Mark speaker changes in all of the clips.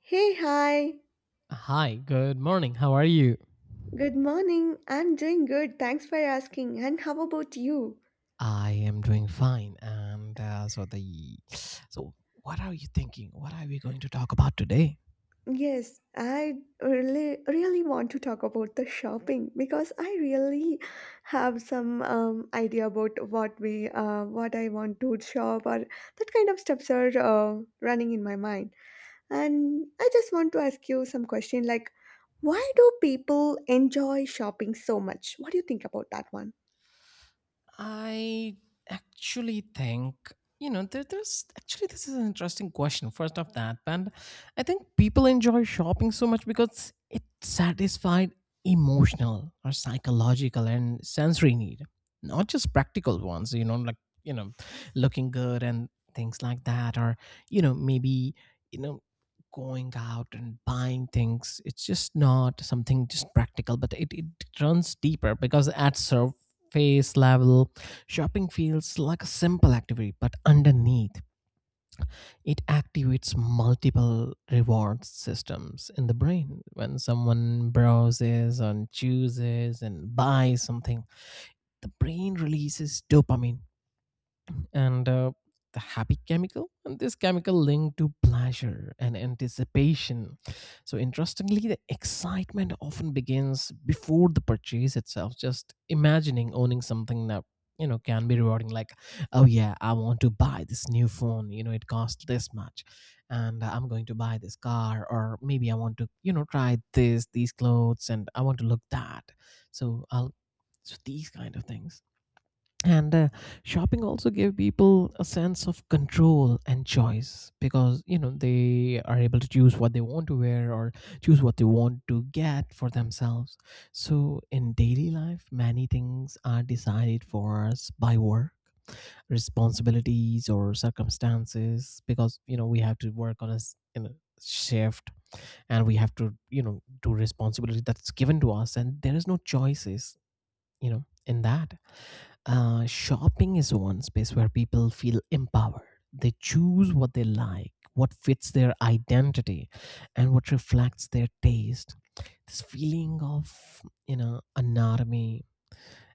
Speaker 1: Hey, hi.
Speaker 2: Hi, good morning. How are you?
Speaker 1: Good morning. I'm doing good. Thanks for asking. And how about you?
Speaker 2: I am doing fine. And so the so what are you thinking? What are we going to talk about today?
Speaker 1: Yes, I really want to talk about the shopping because I really have some idea about what we what I want to shop, or that kind of stuffs are running in my mind. And I just want to ask you some question like, why do people enjoy shopping so much? What do you think about that one?
Speaker 2: I actually think you know there, there's actually this is an interesting question. First off, that, and I think people enjoy shopping so much because it satisfied emotional or psychological and sensory need, not just practical ones. You know, like, you know, looking good and things like that, or maybe you know going out and buying things. It's just not something just practical, but it runs deeper because it adds face level. Shopping feels like a simple activity, but underneath, it activates multiple reward systems in the brain. When someone browses and chooses and buys something, the brain releases dopamine, and the happy chemical, and this chemical linked to pleasure and anticipation. So interestingly, the excitement often begins before the purchase itself, just imagining owning something that can be rewarding. Like, oh yeah, I want to buy this new phone, it costs this much, and I'm going to buy this car, or maybe I want to try this these clothes and I want to look that. So i'll so these kind of things. And Shopping also gave people a sense of control and choice because they are able to choose what they want to wear, or choose what they want to get for themselves. So in daily life, many things are decided for us by work responsibilities or circumstances, because we have to work on a shift, and we have to do responsibility that's given to us, and there is no choices in that. Shopping is one space where people feel empowered. They choose what they like, what fits their identity, and what reflects their taste. This feeling of, you know, anatomy,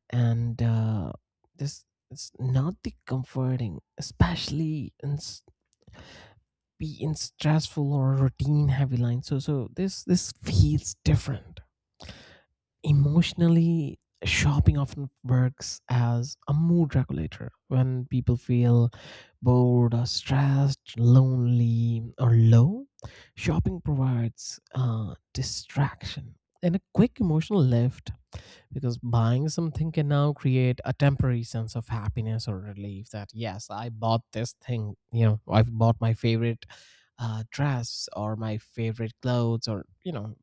Speaker 2: and this it's not the comforting, especially in be in stressful or routine heavy lines. So this feels different. Emotionally, shopping often works as a mood regulator when people feel bored or stressed, lonely or low. Shopping provides distraction and a quick emotional lift, because buying something can now create a temporary sense of happiness or relief, that yes, I bought this thing, I've bought my favorite dress or my favorite clothes, or you know,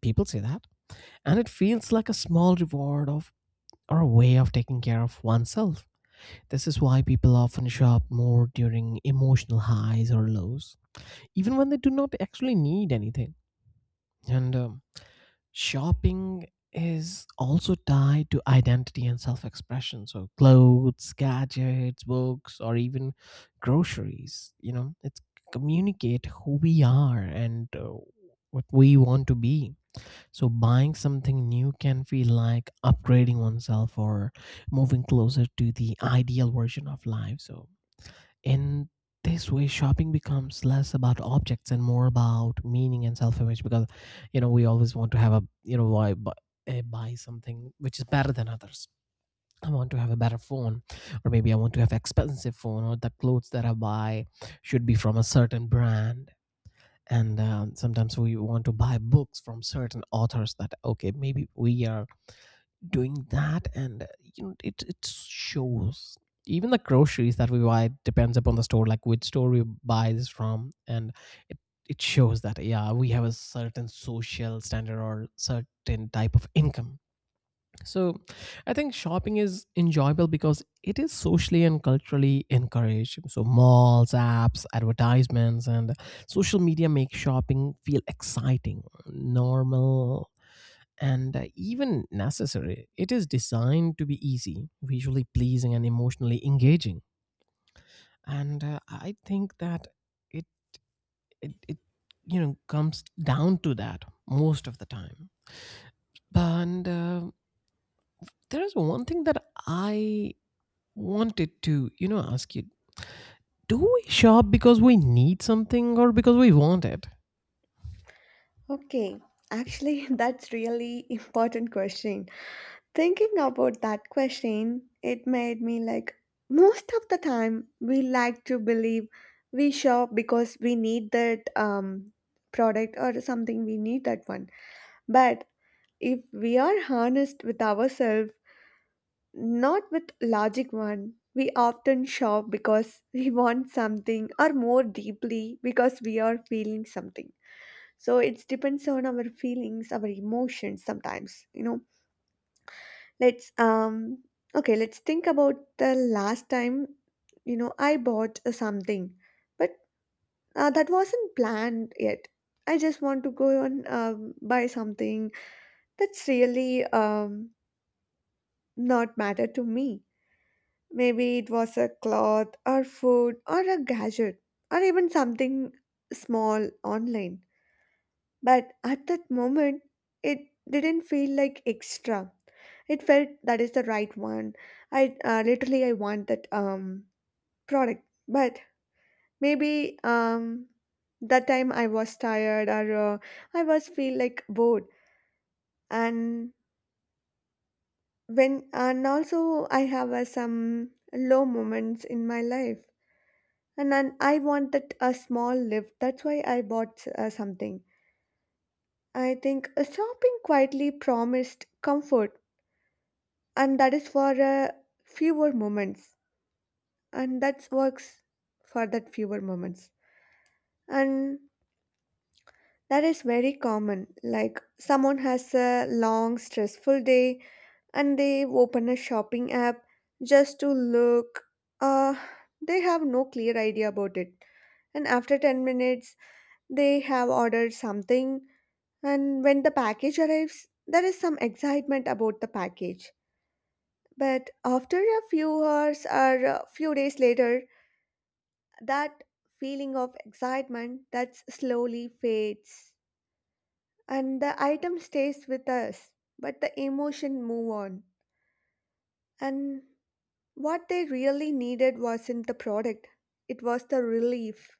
Speaker 2: people say that, and it feels like a small reward of, or a way of taking care of oneself. This is why people often shop more during emotional highs or lows, even when they do not actually need anything. And shopping is also tied to identity and self expression. So, clothes, gadgets, books, or even groceries, you know, it communicate who we are, and what we want to be. So buying something new can feel like upgrading oneself or moving closer to the ideal version of life. So in this way, shopping becomes less about objects and more about meaning and self-image, because we always want to have a, you know, buy something which is better than others. I want to have a better phone, or maybe I want to have expensive phone, or the clothes that I buy should be from a certain brand. And sometimes we want to buy books from certain authors, that okay, maybe we are doing that, and you know, it shows. Even the groceries that we buy depends upon the store, like which store we buy this from, and it it shows that yeah, we have a certain social standard or certain type of income. So, I think shopping is enjoyable because it is socially and culturally encouraged. So, malls, apps, advertisements, and social media make shopping feel exciting, normal, and even necessary. It is designed to be easy, visually pleasing, and emotionally engaging. And I think that it, it you know, comes down to that most of the time. But there is one thing that I wanted to, you know, ask you. Do we shop because we need something or because we want it?
Speaker 1: Okay, actually, that's really important question. Thinking about that question, it made me like, most of the time we like to believe we shop because we need that product, or something we need that one. But if we are honest with ourselves, not with logic one. We often shop because we want something, or more deeply because we are feeling something. So it depends on our feelings, our emotions sometimes, you know. Let's Okay, let's think about the last time, you know, I bought something, but that wasn't planned yet. I just want to go and buy something that's really not matter to me. Maybe it was a cloth or food or a gadget, or even something small online. But at that moment, it didn't feel like extra. It felt that is the right one. I literally I want that product. But maybe that time I was tired, or I was feel like bored, and when, and also I have some low moments in my life, and then I wanted a small lift. That's why I bought something. I think shopping quietly promised comfort, and that is for fewer moments, and that works for that fewer moments, and that is very common. Like someone has a long stressful day, and they open a shopping app just to look. Uh, they have no clear idea about it, and after 10 minutes, they have ordered something. And when the package arrives, there is some excitement about the package. But after a few hours or a few days later, that feeling of excitement that slowly fades, and the item stays with us, but the emotion move on, and what they really needed wasn't the product, it was the relief.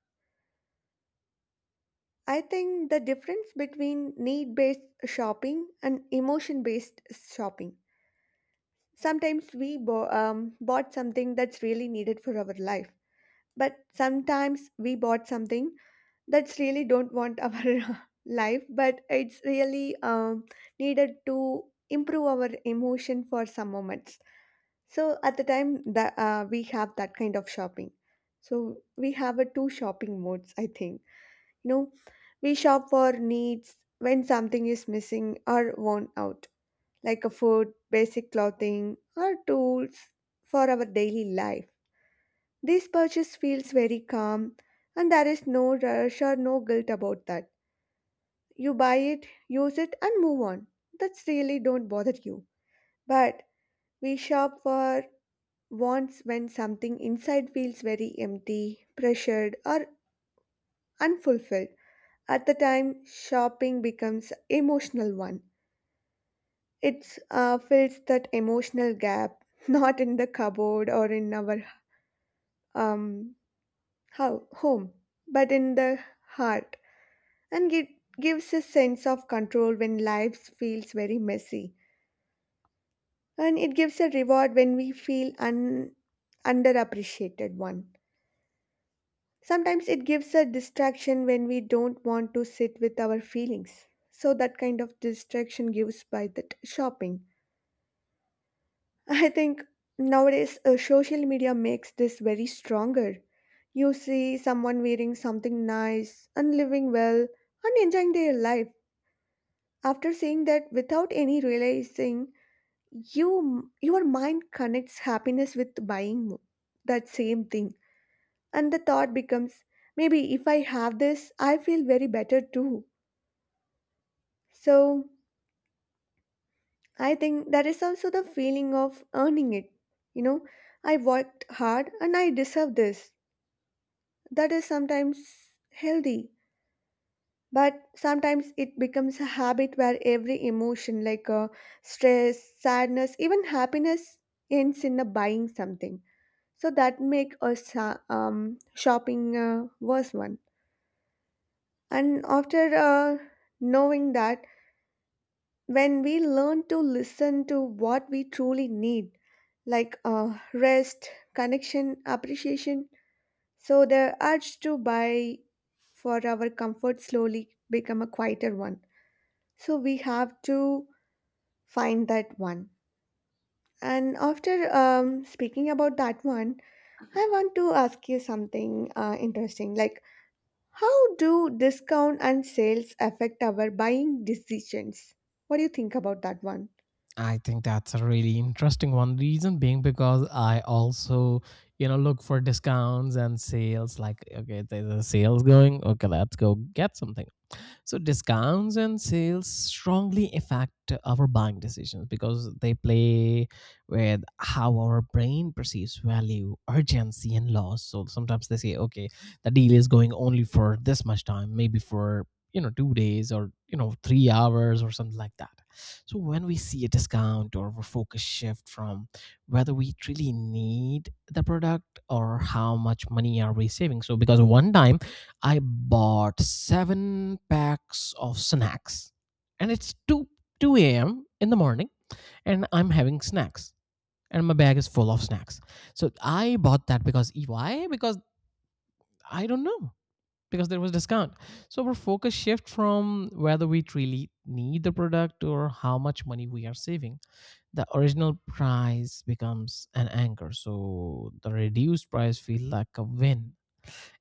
Speaker 1: I think the difference between need based shopping and emotion based shopping, sometimes we bought something that's really needed for our life, but sometimes we bought something that's really don't want our life, but it's really needed to improve our emotion for some moments. So at the time that we have that kind of shopping, so we have a two shopping modes. I think, you know, we shop for needs when something is missing or worn out, like a food, basic clothing, or tools for our daily life. This purchase feels very calm, and there is no rush or no guilt about that. You buy it, use it, and move on. That's really don't bother you. But we shop for wants when something inside feels very empty, pressured, or unfulfilled. At the time, shopping becomes emotional one. It fills that emotional gap, not in the cupboard or in our um, home, but in the heart, and it gives a sense of control when life feels very messy, and it gives a reward when we feel un, underappreciated one. Sometimes it gives a distraction when we don't want to sit with our feelings. So that kind of distraction gives by that shopping. I think nowadays social media makes this very stronger. You see someone wearing something nice and living well and enjoying their life. After seeing that without any realizing, your mind connects happiness with buying that same thing. And the thought becomes, maybe if I have this, I feel very better too. So I think that is also the feeling of earning it. You know, I worked hard and I deserve this. That is sometimes healthy, but sometimes it becomes a habit where every emotion, like stress, sadness, even happiness, ends in a buying something. So that make a shopping worse one. And after knowing that, when we learn to listen to what we truly need, like rest, connection, appreciation, so the urge to buy for our comfort slowly become a quieter one. So we have to find that one. And after speaking about that one, I want to ask you something interesting. Like, how do discount and sales affect our buying decisions? What do you think about that one?
Speaker 2: I think that's a really interesting one. Reason being because I also, you know, look for discounts and sales. Like, okay, there's a sales going. Okay, let's go get something. So discounts and sales strongly affect our buying decisions because they play with how our brain perceives value, urgency, and loss. So sometimes they say, okay, the deal is going only for this much time, maybe for 2 days or 3 hours or something like that. So when we see a discount, or a focus shift from whether we truly need the product or how much money are we saving. So because one time I bought seven packs of snacks, and it's 2, 2 a.m. in the morning, and I'm having snacks, and my bag is full of snacks. So I bought that because why? Because I don't know, because there was discount. So our focus shift from whether we truly need the product or how much money we are saving. The original price becomes an anchor, so the reduced price feels like a win,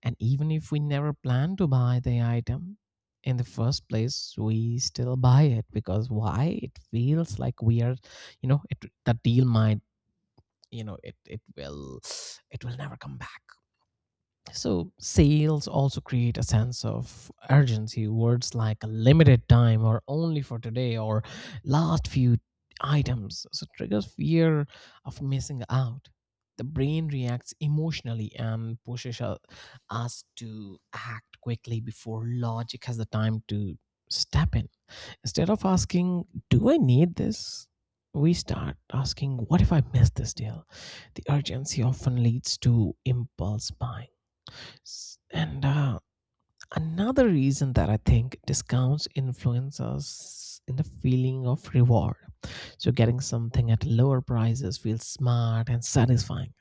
Speaker 2: and even if we never plan to buy the item in the first place, we still buy it because why? It feels like we are, you know, that deal might, you know, it will never come back. So, sales also create a sense of urgency. Words like limited time, or only for today, or last few items, so triggers fear of missing out. The brain reacts emotionally and pushes us to act quickly before logic has the time to step in. Instead of asking, do I need this? We start asking, what if I miss this deal? The urgency often leads to impulse buying. S- And Another reason that I think discounts influence us in the feeling of reward. So, getting something at lower prices feels smart and satisfying.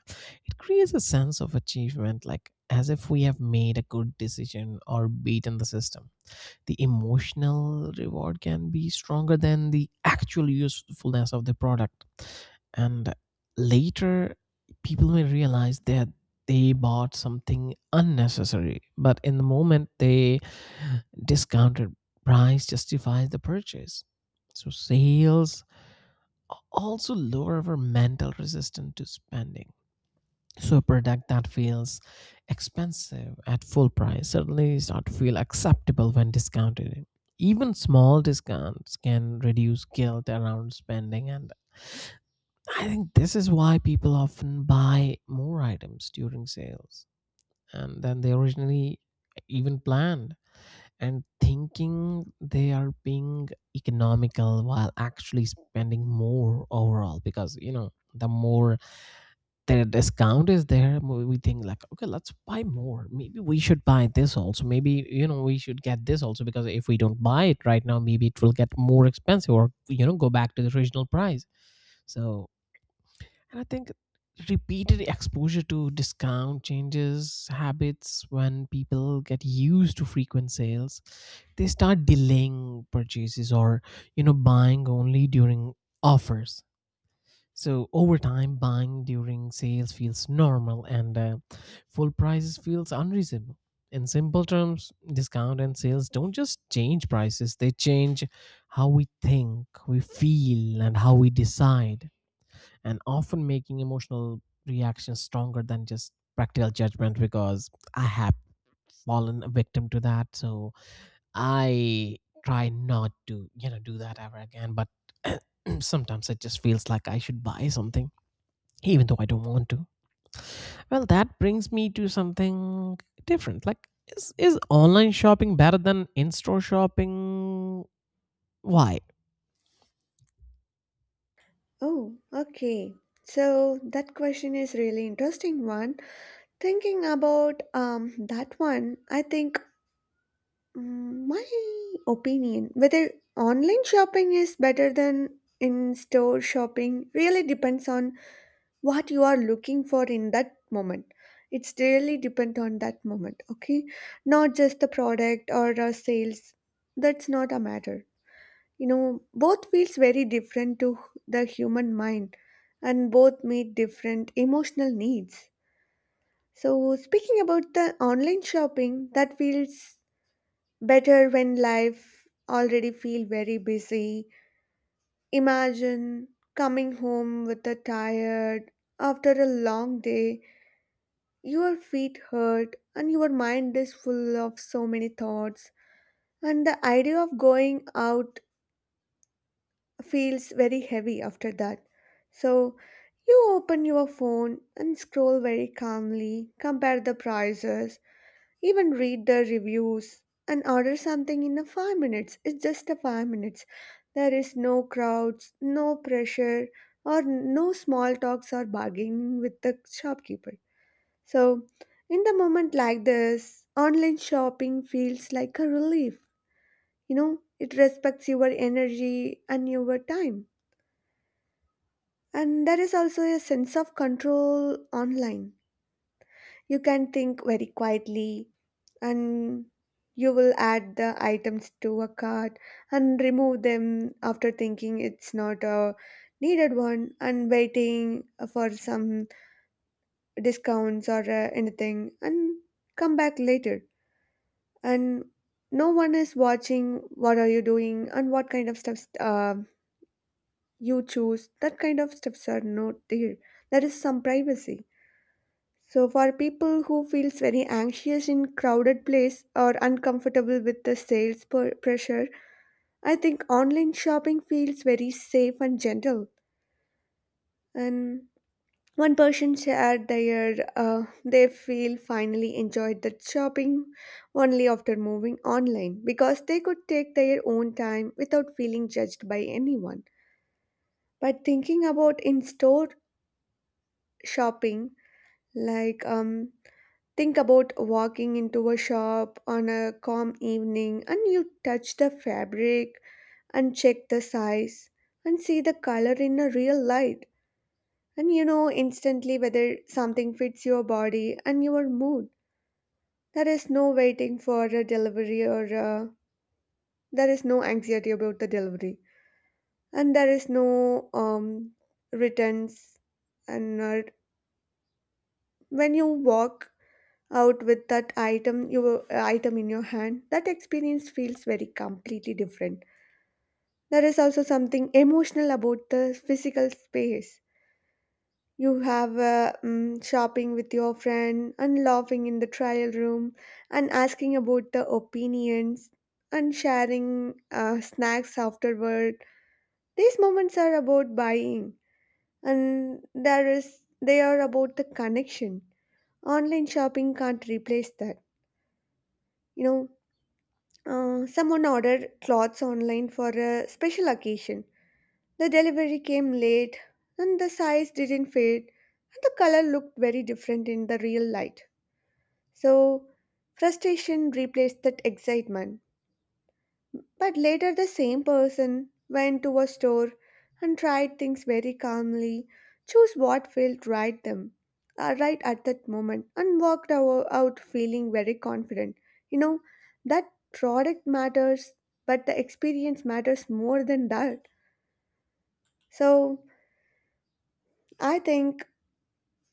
Speaker 2: It creates a sense of achievement, like as if we have made a good decision or beaten the system. The emotional reward can be stronger than the actual usefulness of the product, and later people may realize that they bought something unnecessary, but in the moment, they discounted price justifies the purchase. So sales also lower our mental resistance to spending. So a product that feels expensive at full price suddenly start to feel acceptable when discounted. Even small discounts can reduce guilt around spending. And I think this is why people often buy more items during sales and than they originally even planned, and thinking they are being economical while actually spending more overall, because you know the more the discount is there, we think like, okay, let's buy more, maybe we should buy this also, maybe you know, we should get this also, because if we don't buy it right now, maybe it will get more expensive, or you know, go back to the original price. So, and I think repeated exposure to discount changes habits. When people get used to frequent sales, they start delaying purchases, or you know, buying only during offers. So over time, buying during sales feels normal, and full prices feels unreasonable. In simple terms, discount and sales don't just change prices, they change how we think, we feel, and how we decide, and often making emotional reactions stronger than just practical judgment, because I have fallen a victim to that. So I try not to, you know, do that ever again, but sometimes it just feels like I should buy something, even though I don't want to. Well, that brings me to something different. Like, is online shopping better than in store shopping? Why?
Speaker 1: Oh, okay. So that question is really interesting one. Thinking about that one, I think, my opinion, whether online shopping is better than in store shopping, really depends on what you are looking for in that moment. It's really depend on that moment, okay? Not just the product or the sales. That's not a matter. You know, both feels very different to the human mind, and both meet different emotional needs. So, speaking about the online shopping, that feels better when life already feel very busy. Imagine coming home with a tired after a long day, your feet hurt and your mind is full of so many thoughts, and the idea of going out feels very heavy after that. So you open your phone and scroll very calmly, compare the prices, even read the reviews, and order something in a 5 minutes. It's just a 5 minutes. There is no crowds, no pressure, or no small talks or bargaining with the shopkeeper. So in the moment like this, online shopping feels like a relief, you know. It respects your energy and your time. And there is also a sense of control online. You can think very quietly, and you will add the items to a cart and remove them after thinking it's not a needed one, and waiting for some discounts or anything, and come back later. And no one is watching what are you doing and what kind of stuffs you choose, that kind of stuffs are not there. There is some privacy. So for people who feels very anxious in crowded place or uncomfortable with the sales per- pressure, I think online shopping feels very safe and gentle. And one person shared their they feel finally enjoyed that shopping only after moving online because they could take their own time without feeling judged by anyone. But thinking about in store shopping, like think about walking into a shop on a calm evening, and you touch the fabric and check the size and see the color in a real light, and you know instantly whether something fits your body and your mood. There is no waiting for a delivery, or there is no anxiety about the delivery, and there is no returns, and when you walk out with that item, you item in your hand, that experience feels very completely different. There is also something emotional about the physical space. You have shopping with your friend and laughing in the trial room and asking about the opinions and sharing snacks afterward. These moments are about buying, and there is they are about the connection. Online shopping can't replace that, you know. Someone ordered clothes online for a special occasion. The delivery came late, and the size didn't fit, and the color looked very different in the real light. So, frustration replaced that excitement. But later, the same person went to a store and tried things very calmly, chose what felt right them, right at that moment, and walked ou- out feeling very confident. You know that product matters, but the experience matters more than that. So I think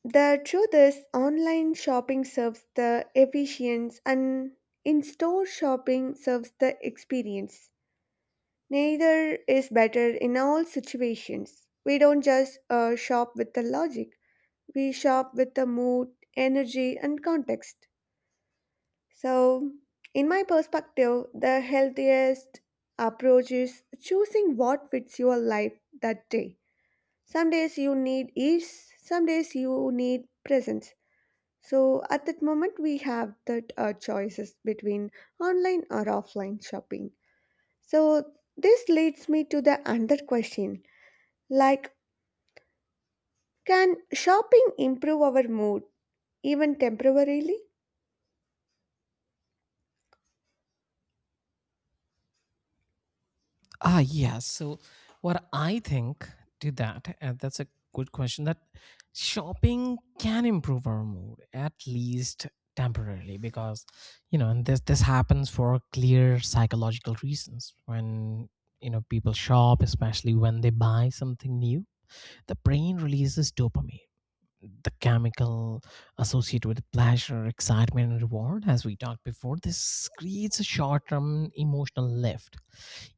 Speaker 1: the truth is online shopping serves the efficiency, and in store shopping serves the experience. Neither is better in all situations. We don't just shop with the logic, we shop with the mood, energy, and context. So, in my perspective, the healthiest approach is choosing what fits your life that day. Some days you need ease, some days you need presence. So, at that moment, we have that choices between online or offline shopping. So, this leads me to the another question. Like, can shopping improve our mood, even temporarily?
Speaker 2: Ah, yeah. So, what I think to that, and that's a good question, that shopping can improve our mood, at least temporarily, because, you know, this happens for clear psychological reasons. When, you know, people shop, especially when they buy something new, the brain releases dopamine, the chemical associated with pleasure, excitement, and reward. As we talked before, this creates a short term emotional lift.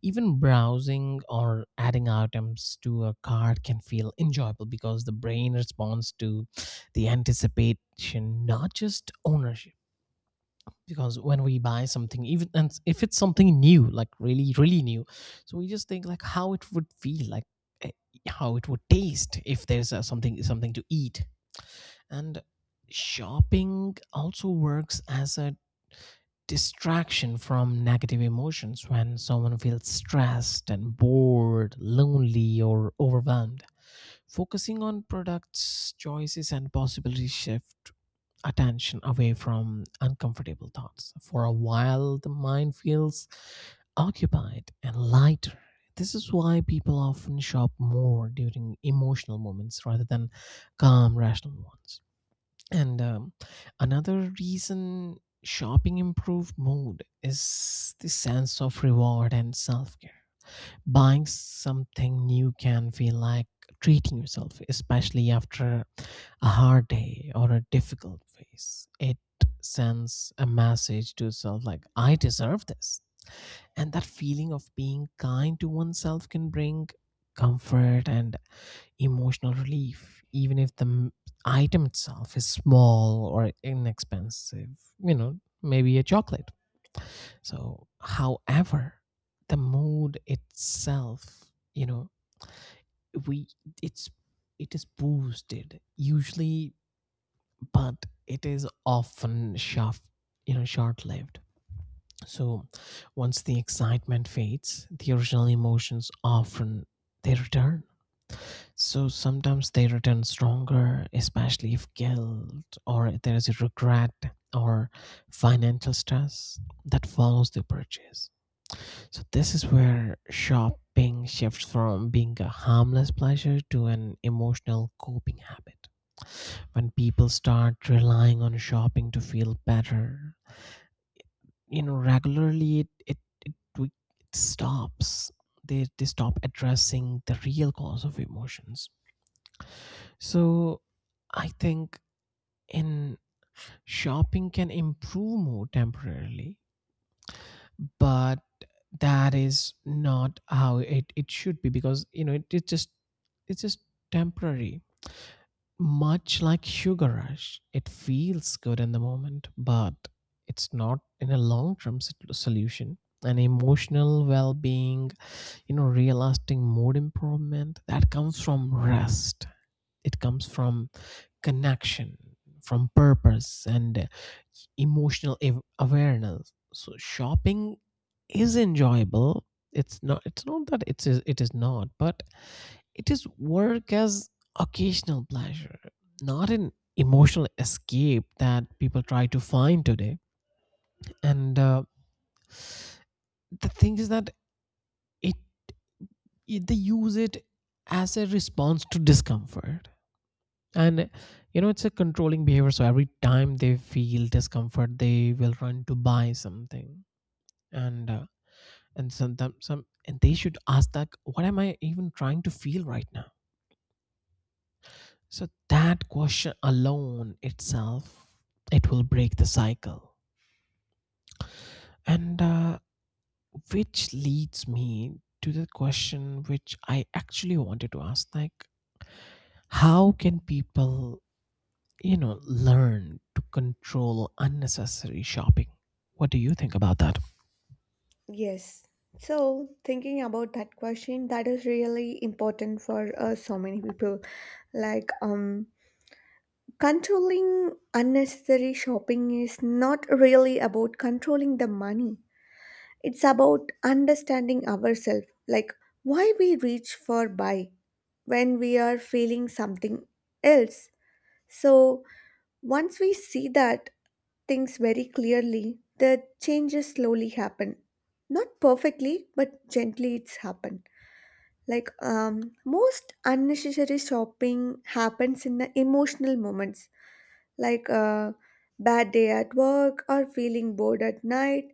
Speaker 2: Even browsing or adding items to a cart can feel enjoyable, because the brain responds to the anticipation, not just ownership. Because when we buy something, even and if it's something new, like really, really new, so we just think like how it would feel, like eh, how it would taste if there's something to eat. And shopping also works as a distraction from negative emotions, when someone feels stressed and bored, lonely, or overwhelmed. Focusing on products, choices, and possibilities shift attention away from uncomfortable thoughts. For a while, the mind feels occupied and lighter. This is why people often shop more during emotional moments rather than calm, rational ones. And another reason shopping improve mood is the sense of reward and self-care. Buying something new can feel like treating yourself, especially after a hard day or a difficult phase. It sends a message to self like, I deserve this. And that feeling of being kind to oneself can bring comfort and emotional relief, even if the item itself is small or inexpensive, you know, maybe a chocolate. So, however, the mood itself, you know, we it's it is boosted usually, but it is often short, you know, short-lived. So, once the excitement fades, the original emotions often they return. So sometimes they return stronger, especially if guilt, or there is a regret, or financial stress that follows the purchase. So this is where shopping shifts from being a harmless pleasure to an emotional coping habit. When people start relying on shopping to feel better, you know, regularly it, we- it stops. They stop addressing the real cause of emotions. So I think in shopping can improve more temporarily, but that is not how it should be, because you know, it's just temporary. Much like sugar rush, it feels good in the moment, but it's not in a long term solution. An emotional well being, you know, real lasting mood improvement, that comes from rest, it comes from connection, from purpose, and emotional awareness. So shopping is enjoyable, it's not, it's not that it's it is not, but it is work as occasional pleasure, not an emotional escape that people try to find today. And the thing is that it, it they use it as a response to discomfort, and you know, it's a controlling behavior. So every time they feel discomfort, they will run to buy something. and uh, and sometimes some, and they should ask that, what am I even trying to feel right now? So that question alone itself, it will break the cycle. And which leads me to the question which I actually wanted to ask. Like, how can people, you know, learn to control unnecessary shopping? What do you think about that?
Speaker 1: Yes. So, thinking about that question, that is really important for so many people. Like, controlling unnecessary shopping is not really about controlling the money. It's about understanding ourselves, like why we reach for buy when we are feeling something else. So, once we see that things very clearly, the changes slowly happen. Not perfectly, but gently it's happened. Like most unnecessary shopping happens in the emotional moments, like a bad day at work or feeling bored at night.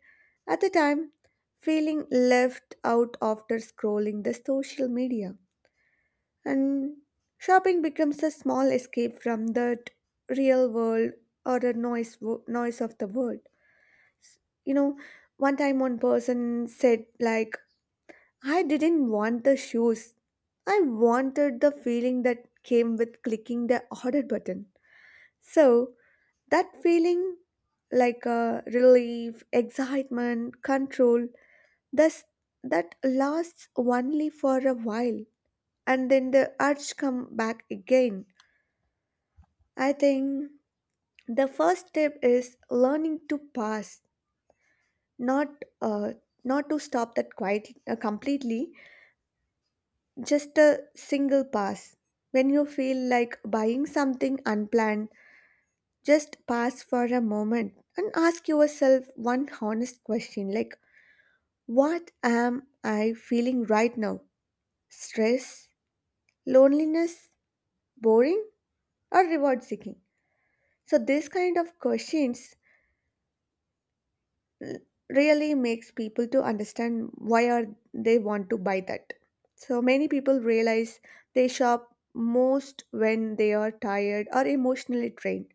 Speaker 1: At the time, feeling left out after scrolling the social media. And shopping becomes a small escape from that real world, or the noise, noise of the world. you know One time one person said, like, I didn't want the shoes, I wanted the feeling that came with clicking the order button. So that feeling, like a relief, excitement, control, thus that lasts only for a while, and then the urge come back again. I think the first step is learning to pass, not uh, not to stop that quite completely, just a single pass. When you feel like buying something unplanned, just pause for a moment and ask yourself one honest question, like, what am I feeling right now? Stress, loneliness, boring, or reward seeking? So these kind of questions really makes people to understand why are they want to buy that. So many people realize they shop most when they are tired or emotionally drained,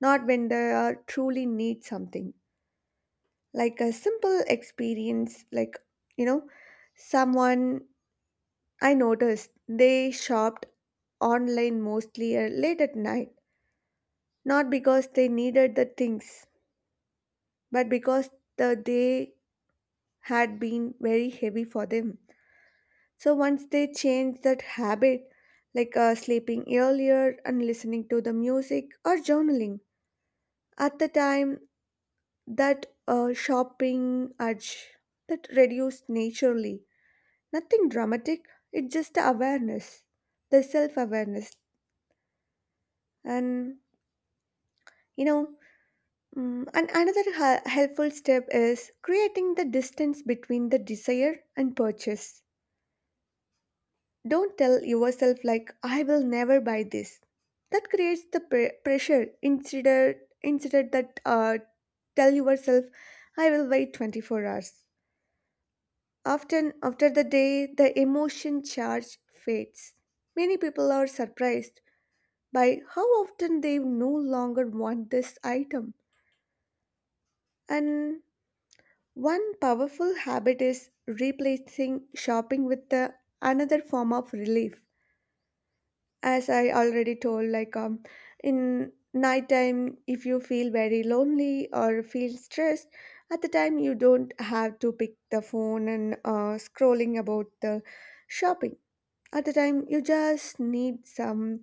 Speaker 1: not when they are truly need something. Like a simple experience, like, you know someone I noticed, they shopped online mostly late at night, not because they needed the things, but because the day had been very heavy for them. So once they change that habit, like sleeping earlier and listening to the music or journaling, at the time that shopping urge that reduced naturally. Nothing dramatic. It's just the awareness, the self awareness, and you know. And another helpful step is creating the distance between the desire and purchase. Don't tell yourself, like, I will never buy this. That creates the pressure. Instead, instead that tell yourself, I will wait 24 hours. Often, after the day, the emotion charge fades. Many people are surprised by how often they no longer want this item. And one powerful habit is replacing shopping with the another form of relief. As I already told, like, in nighttime, if you feel very lonely or feel stressed, at the time you don't have to pick the phone and scrolling about the shopping. At the time you just need some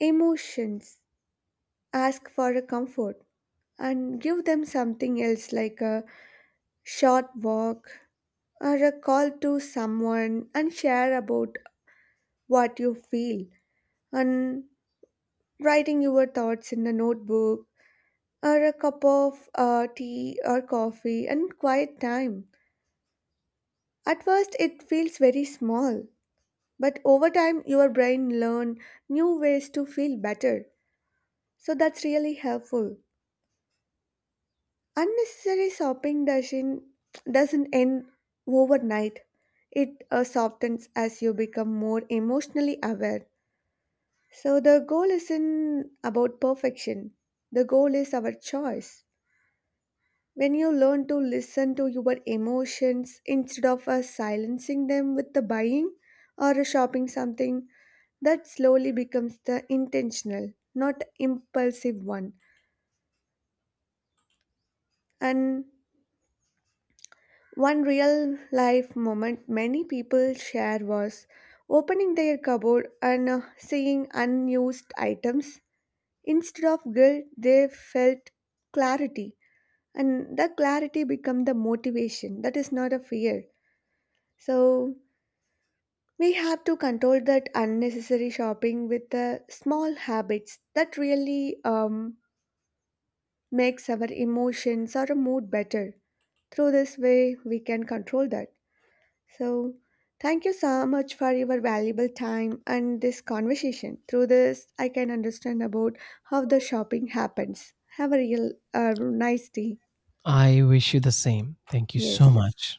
Speaker 1: emotions, ask for a comfort, and give them something else, like a short walk, or a call to someone and share about what you feel, and writing your thoughts in a notebook, or a cup of tea or coffee and quiet time. At first, it feels very small, but over time, your brain learn new ways to feel better. So that's really helpful. Unnecessary shopping doesn't end overnight. It softens as you become more emotionally aware. So the goal isn't about perfection. The goal is our choice. When you learn to listen to your emotions instead of silencing them with the buying or shopping something, that slowly becomes the intentional, not impulsive one. And one real life moment many people share was opening their cupboard and seeing unused items. Instead of guilt, they felt clarity, and that clarity become the motivation. That is not a fear. So we have to control that unnecessary shopping with the small habits that really makes our emotions or mood better. Through this way, we can control that. So, thank you so much for your valuable time and this conversation. Through this, I can understand about how the shopping happens. Have a real nice day.
Speaker 2: I wish you the same. Thank you
Speaker 1: Yes.
Speaker 2: so much.